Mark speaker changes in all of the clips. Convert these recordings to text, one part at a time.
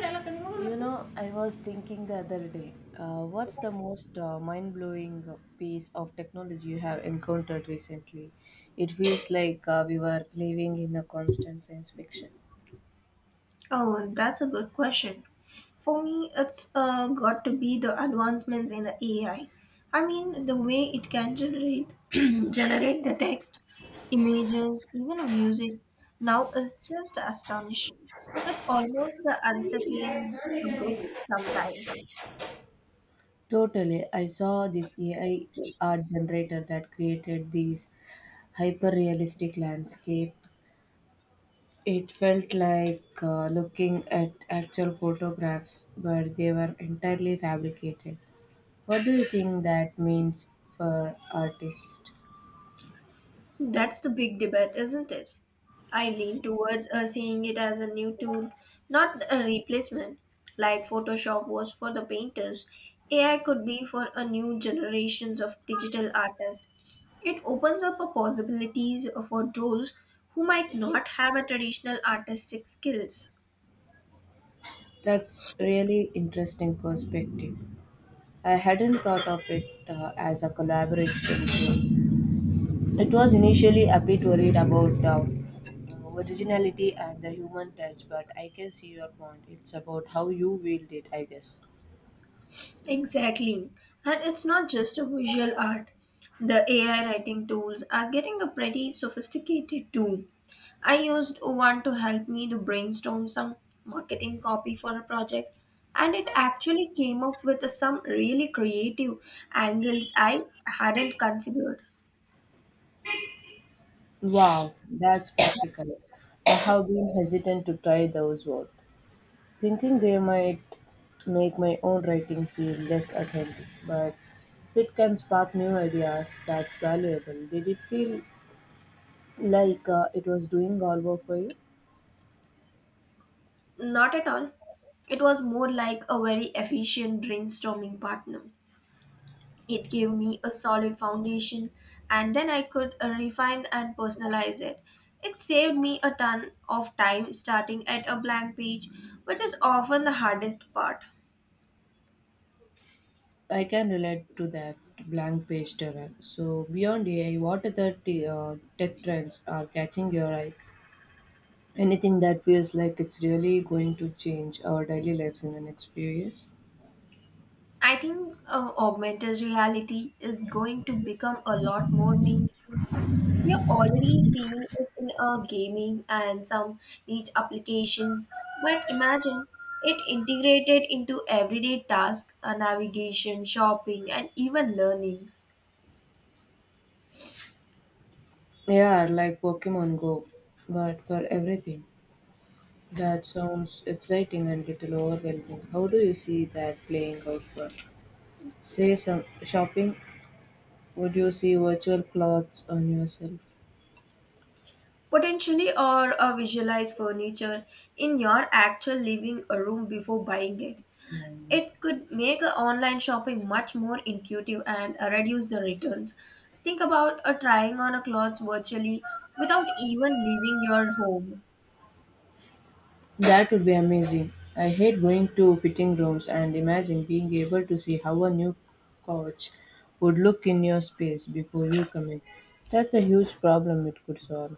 Speaker 1: You know, I was thinking the other day, what's the most mind blowing piece of technology you have encountered recently? It feels like we were living in a constant science fiction.
Speaker 2: Oh, that's a good question. For me, it's got to be the advancements in the AI. I mean, the way it can generate generate the text, images, even a music now is just astonishing. It's almost the unsettling good sometimes.
Speaker 1: Totally. I saw this AI art generator that created these hyper realistic landscape. It felt like looking at actual photographs, but they were entirely fabricated. What do you think that means for artists?
Speaker 2: That's the big debate, isn't it? I lean towards seeing it as a new tool, not a replacement. Like Photoshop was for the painters, AI could be for a new generations of digital artists. It opens up a possibilities for those who might not have a traditional artistic skills.
Speaker 1: That's really interesting perspective. I hadn't thought of it as a collaboration. Tool. It was initially a bit worried about originality and the human touch, but I can see your point. It's about how you wield it, I guess.
Speaker 2: Exactly. And it's not just a visual art. The AI writing tools are getting a pretty sophisticated too. I used one to help me to brainstorm some marketing copy for a project and it actually came up with some really creative angles I hadn't considered.
Speaker 1: Wow, that's practical. I have been hesitant to try those words, thinking they might make my own writing feel less authentic, but if it can spark new ideas, that's valuable. Did it feel like it was doing all work for you.
Speaker 2: Not at all. It was more like a very efficient brainstorming partner. It gave me a solid foundation and then I could refine and personalize it. It saved me a ton of time starting at a blank page, which is often the hardest part.
Speaker 1: I can relate to that blank page terror. So beyond AI, what other tech trends are catching your eye? Anything that feels like it's really going to change our daily lives in the next few years?
Speaker 2: I think augmented reality is going to become a lot more mainstream. We are already seeing it in gaming and some niche applications, but imagine it integrated into everyday tasks, navigation, shopping, and even learning.
Speaker 1: Yeah, like Pokemon Go, but for everything. That sounds exciting and little overwhelming. How do you see that playing out for, say, some shopping? Would you see virtual clothes on yourself?
Speaker 2: Potentially, or a visualize furniture in your actual living room before buying it.
Speaker 1: No, no.
Speaker 2: It could make a online shopping much more intuitive and reduce the returns. Think about trying on a clothes virtually without even leaving your home.
Speaker 1: That would be amazing. I hate going to fitting rooms and imagine being able to see how a new couch would look in your space before you commit. That's a huge problem it could solve.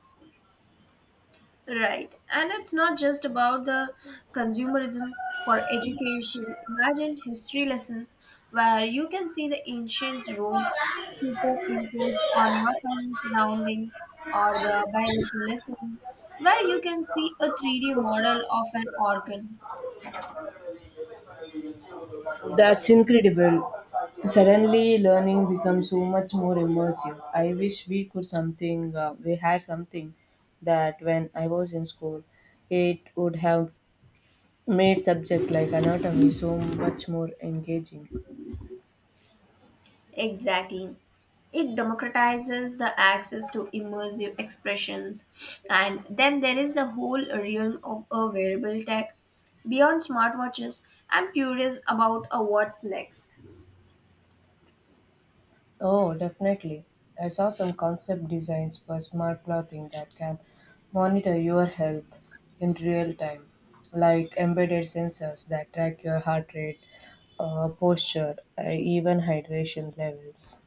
Speaker 2: Right. And it's not just about the consumerism for education. Imagine history lessons where you can see the ancient Rome superimposed on your current surroundings, or the biology lesson where you can see a 3D model of an organ.
Speaker 1: That's incredible. Suddenly, learning becomes so much more immersive. I wish we could something, we had something that when I was in school, it would have made subject like anatomy so much more engaging.
Speaker 2: Exactly. It democratizes the access to immersive expressions. And then there is the whole realm of a wearable tech. Beyond smartwatches, I'm curious about a what's next.
Speaker 1: Oh, definitely. I saw some concept designs for smart clothing that can monitor your health in real time, like embedded sensors that track your heart rate, posture, even hydration levels.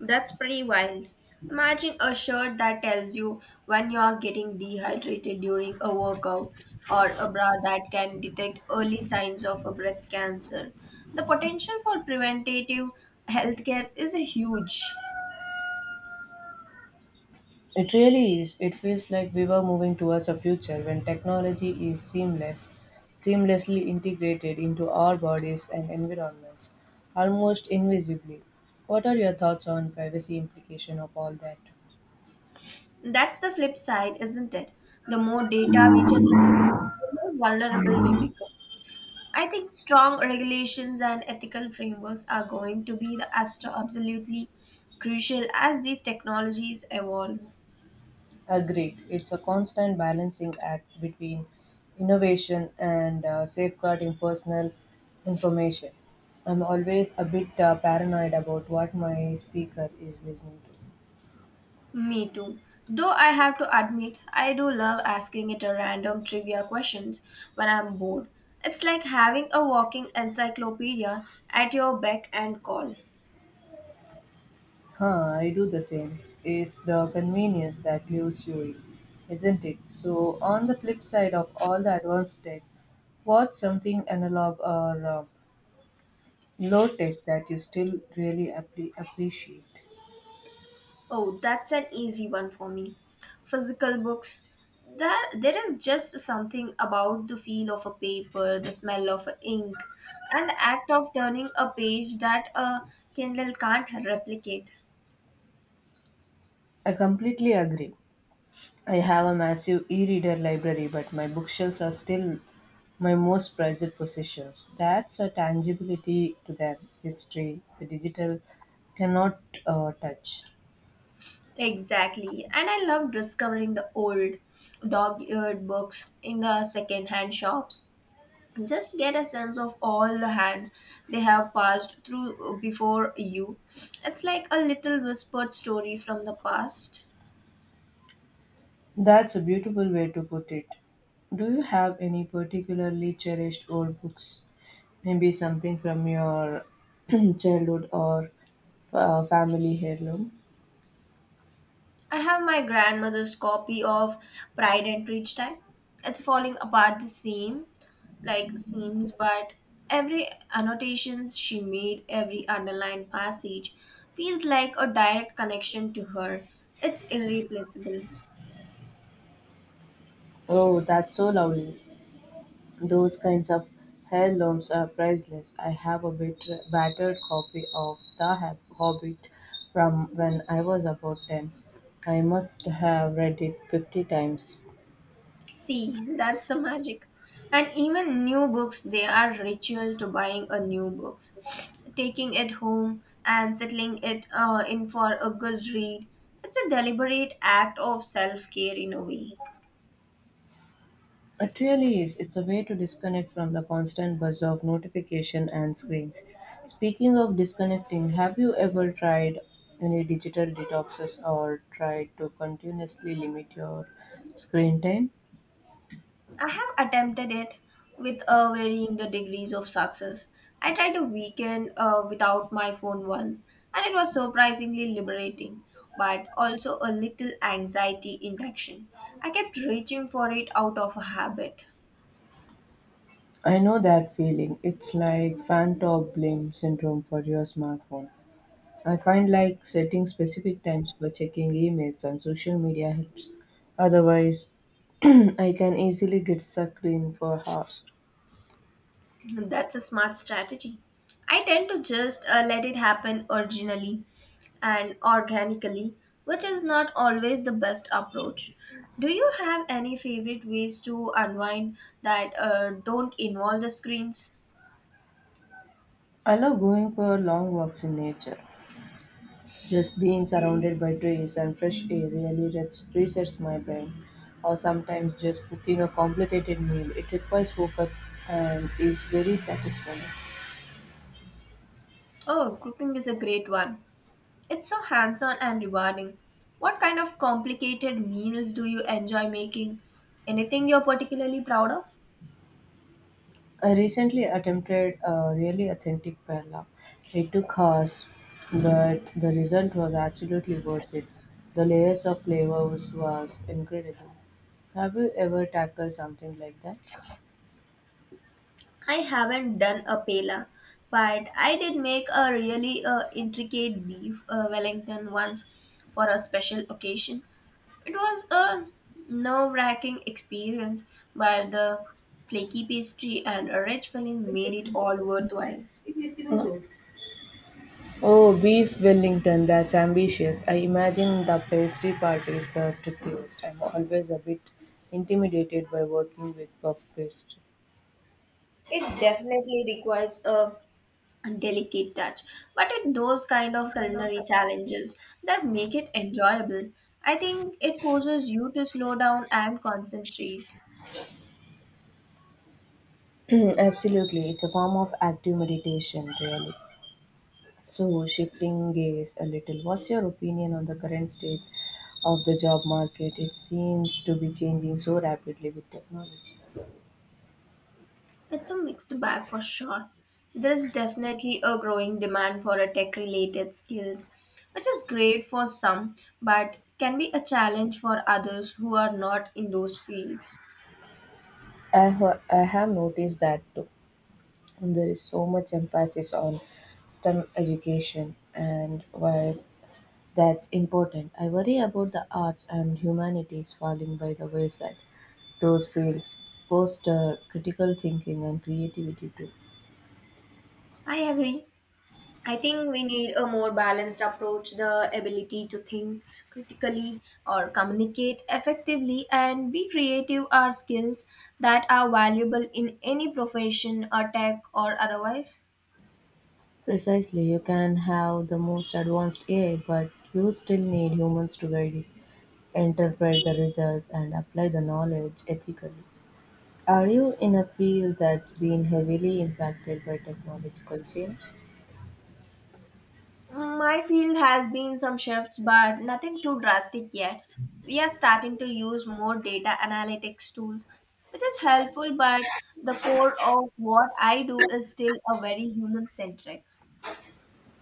Speaker 2: That's pretty wild. Imagine a shirt that tells you when you are getting dehydrated during a workout, or a bra that can detect early signs of a breast cancer. The potential for preventative healthcare is huge.
Speaker 1: It really is. It feels like we were moving towards a future when technology is seamless, seamlessly integrated into our bodies and environments, almost invisibly. What are your thoughts on privacy implication of all that?
Speaker 2: That's the flip side, isn't it? The more data we generate, the more vulnerable we become. I think strong regulations and ethical frameworks are going to be the as to absolutely crucial as these technologies evolve.
Speaker 1: Agreed. It's a constant balancing act between innovation and safeguarding personal information. I'm always a bit paranoid about what my speaker is listening to.
Speaker 2: Me too. Though I have to admit, I do love asking it a random trivia questions when I'm bored. It's like having a walking encyclopedia at your beck and call.
Speaker 1: Huh, I do the same. It's the convenience that lures you in, isn't it? So, on the flip side of all the advanced tech, what's something analog or low tech that you still really appreciate?
Speaker 2: Oh, that's an easy one for me. Physical books. That there is just something about the feel of a paper, the smell of ink, and the act of turning a page that a Kindle can't replicate.
Speaker 1: I completely agree. I have a massive e reader library, but my bookshelves are still my most prized possessions. That's a tangibility to them, history, the digital cannot touch.
Speaker 2: Exactly. And I love discovering the old dog-eared books in the second-hand shops. Just get a sense of all the hands they have passed through before you. It's like a little whispered story from the past.
Speaker 1: That's a beautiful way to put it. Do you have any particularly cherished old books? Maybe something from your childhood or family heirloom?
Speaker 2: I have my grandmother's copy of Pride and Prejudice. It's falling apart the same, like seams, but every annotations she made, every underlined passage feels like a direct connection to her. It's irreplaceable.
Speaker 1: Oh, that's so lovely. Those kinds of heirlooms are priceless. I have a bit battered copy of the Hobbit from when I was about 10. I must have read it 50 times.
Speaker 2: See, that's the magic. And even new books, they are ritual to buying a new book. Taking it home and settling it in for a good read. It's a deliberate act of self care in a way.
Speaker 1: It really is. It's a way to disconnect from the constant buzz of notification and screens. Speaking of disconnecting, have you ever tried any digital detoxes or tried to continuously limit your screen time?
Speaker 2: I have attempted it with varying the degrees of success. I tried a weekend without my phone once, and it was surprisingly liberating, but also a little anxiety induction. I kept reaching for it out of a habit.
Speaker 1: I know that feeling. It's like fan top blame syndrome for your smartphone. I find like setting specific times for checking emails and social media helps. Otherwise, I can easily get sucked in for hours.
Speaker 2: That's a smart strategy. I tend to just let it happen originally and organically, which is not always the best approach. Do you have any favorite ways to unwind that don't involve the screens?
Speaker 1: I love going for long walks in nature. Just being surrounded by trees and fresh air really resets my brain. Or sometimes just cooking a complicated meal. It requires focus and is very satisfying.
Speaker 2: Oh, cooking is a great one. It's so hands on and rewarding. What kind of complicated meals do you enjoy making? Anything you're particularly proud of?
Speaker 1: I recently attempted a really authentic paella. It took hours, but the result was absolutely worth it. The layers of flavors was incredible. Have you ever tackled something like that?
Speaker 2: I haven't done a paella, but I did make a really intricate beef Wellington once for a special occasion. It was a nerve-wracking experience, but the flaky pastry and a rich filling made it all worthwhile.
Speaker 1: Oh, beef Wellington, that's ambitious. I imagine the pastry part is the trickiest. I'm always a bit intimidated by working with puff pastry.
Speaker 2: It definitely requires a delicate touch, but it those kind of culinary challenges that make it enjoyable. I think it forces you to slow down and concentrate.
Speaker 1: Absolutely, it's a form of active meditation, really. So, shifting gears a little, what's your opinion on the current state of the job market? It seems to be changing so rapidly with technology.
Speaker 2: It's a mixed bag for sure. There is definitely a growing demand for a tech related skills, which is great for some, but can be a challenge for others who are not in those fields.
Speaker 1: I have noticed that too. And there is so much emphasis on STEM education, and while that's important, I worry about the arts and humanities falling by the wayside. Those fields foster critical thinking and creativity too.
Speaker 2: I agree. I think we need a more balanced approach, the ability to think critically or communicate effectively and be creative are skills that are valuable in any profession or tech or otherwise.
Speaker 1: Precisely, you can have the most advanced AI, but you still need humans to guide you, interpret the results, and apply the knowledge ethically. Are you in a field that's been heavily impacted by technological change?
Speaker 2: My field has been some shifts, but nothing too drastic yet. We are starting to use more data analytics tools, which is helpful, but the core of what I do is still a very human centric.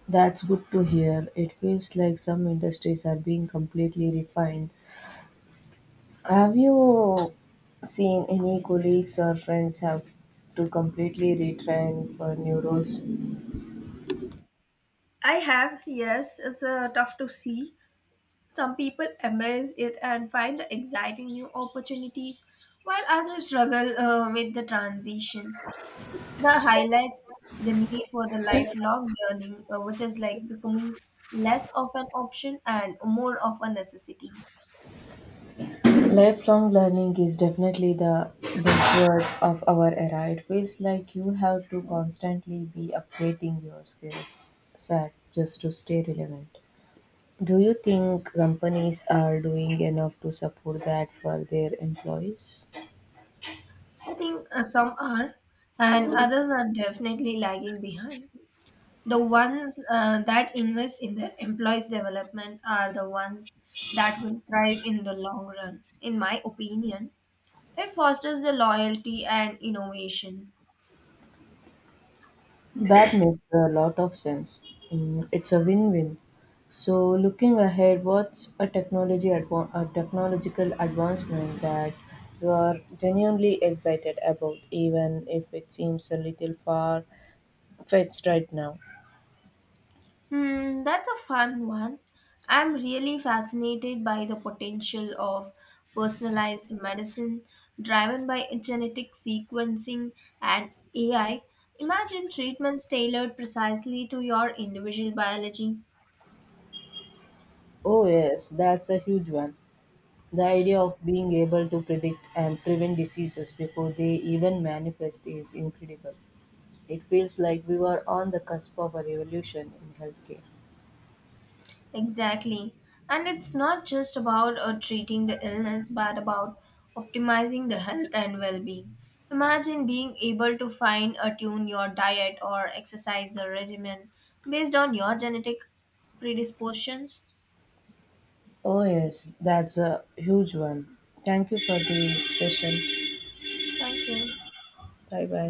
Speaker 1: That's good to hear. It feels like some industries are being completely refined. Have you seen any colleagues or friends have to completely retrain for new roles?
Speaker 2: I have, yes, it's tough to see. Some people embrace it and find the exciting new opportunities, while others struggle with the transition. The highlights the need for the lifelong learning, which is like becoming less of an option and more of a necessity.
Speaker 1: Lifelong learning is definitely the buzzword of our era. It feels like you have to constantly be upgrading your skills set just to stay relevant. Do you think companies are doing enough to support that for their employees?
Speaker 2: I think some are, and others are definitely lagging behind. The ones that invest in their employees' development are the ones that will thrive in the long run. In my opinion, it fosters the loyalty and innovation.
Speaker 1: That makes a lot of sense. Mm, it's a win-win. So, looking ahead, what's a a technological advancement that you are genuinely excited about, even if it seems a little far-fetched right now?
Speaker 2: Hmm, that's a fun one. I'm really fascinated by the potential of personalized medicine driven by genetic sequencing and AI. Imagine treatments tailored precisely to your individual biology.
Speaker 1: Oh yes, that's a huge one. The idea of being able to predict and prevent diseases before they even manifest is incredible. It feels like we were on the cusp of a revolution in healthcare.
Speaker 2: Exactly. And it's not just about treating the illness, but about optimizing the health and well being. Imagine being able to fine tune your diet or exercise the regimen based on your genetic predispositions.
Speaker 1: Oh, yes, that's a huge one. Thank you for the session.
Speaker 2: Thank you.
Speaker 1: Bye bye.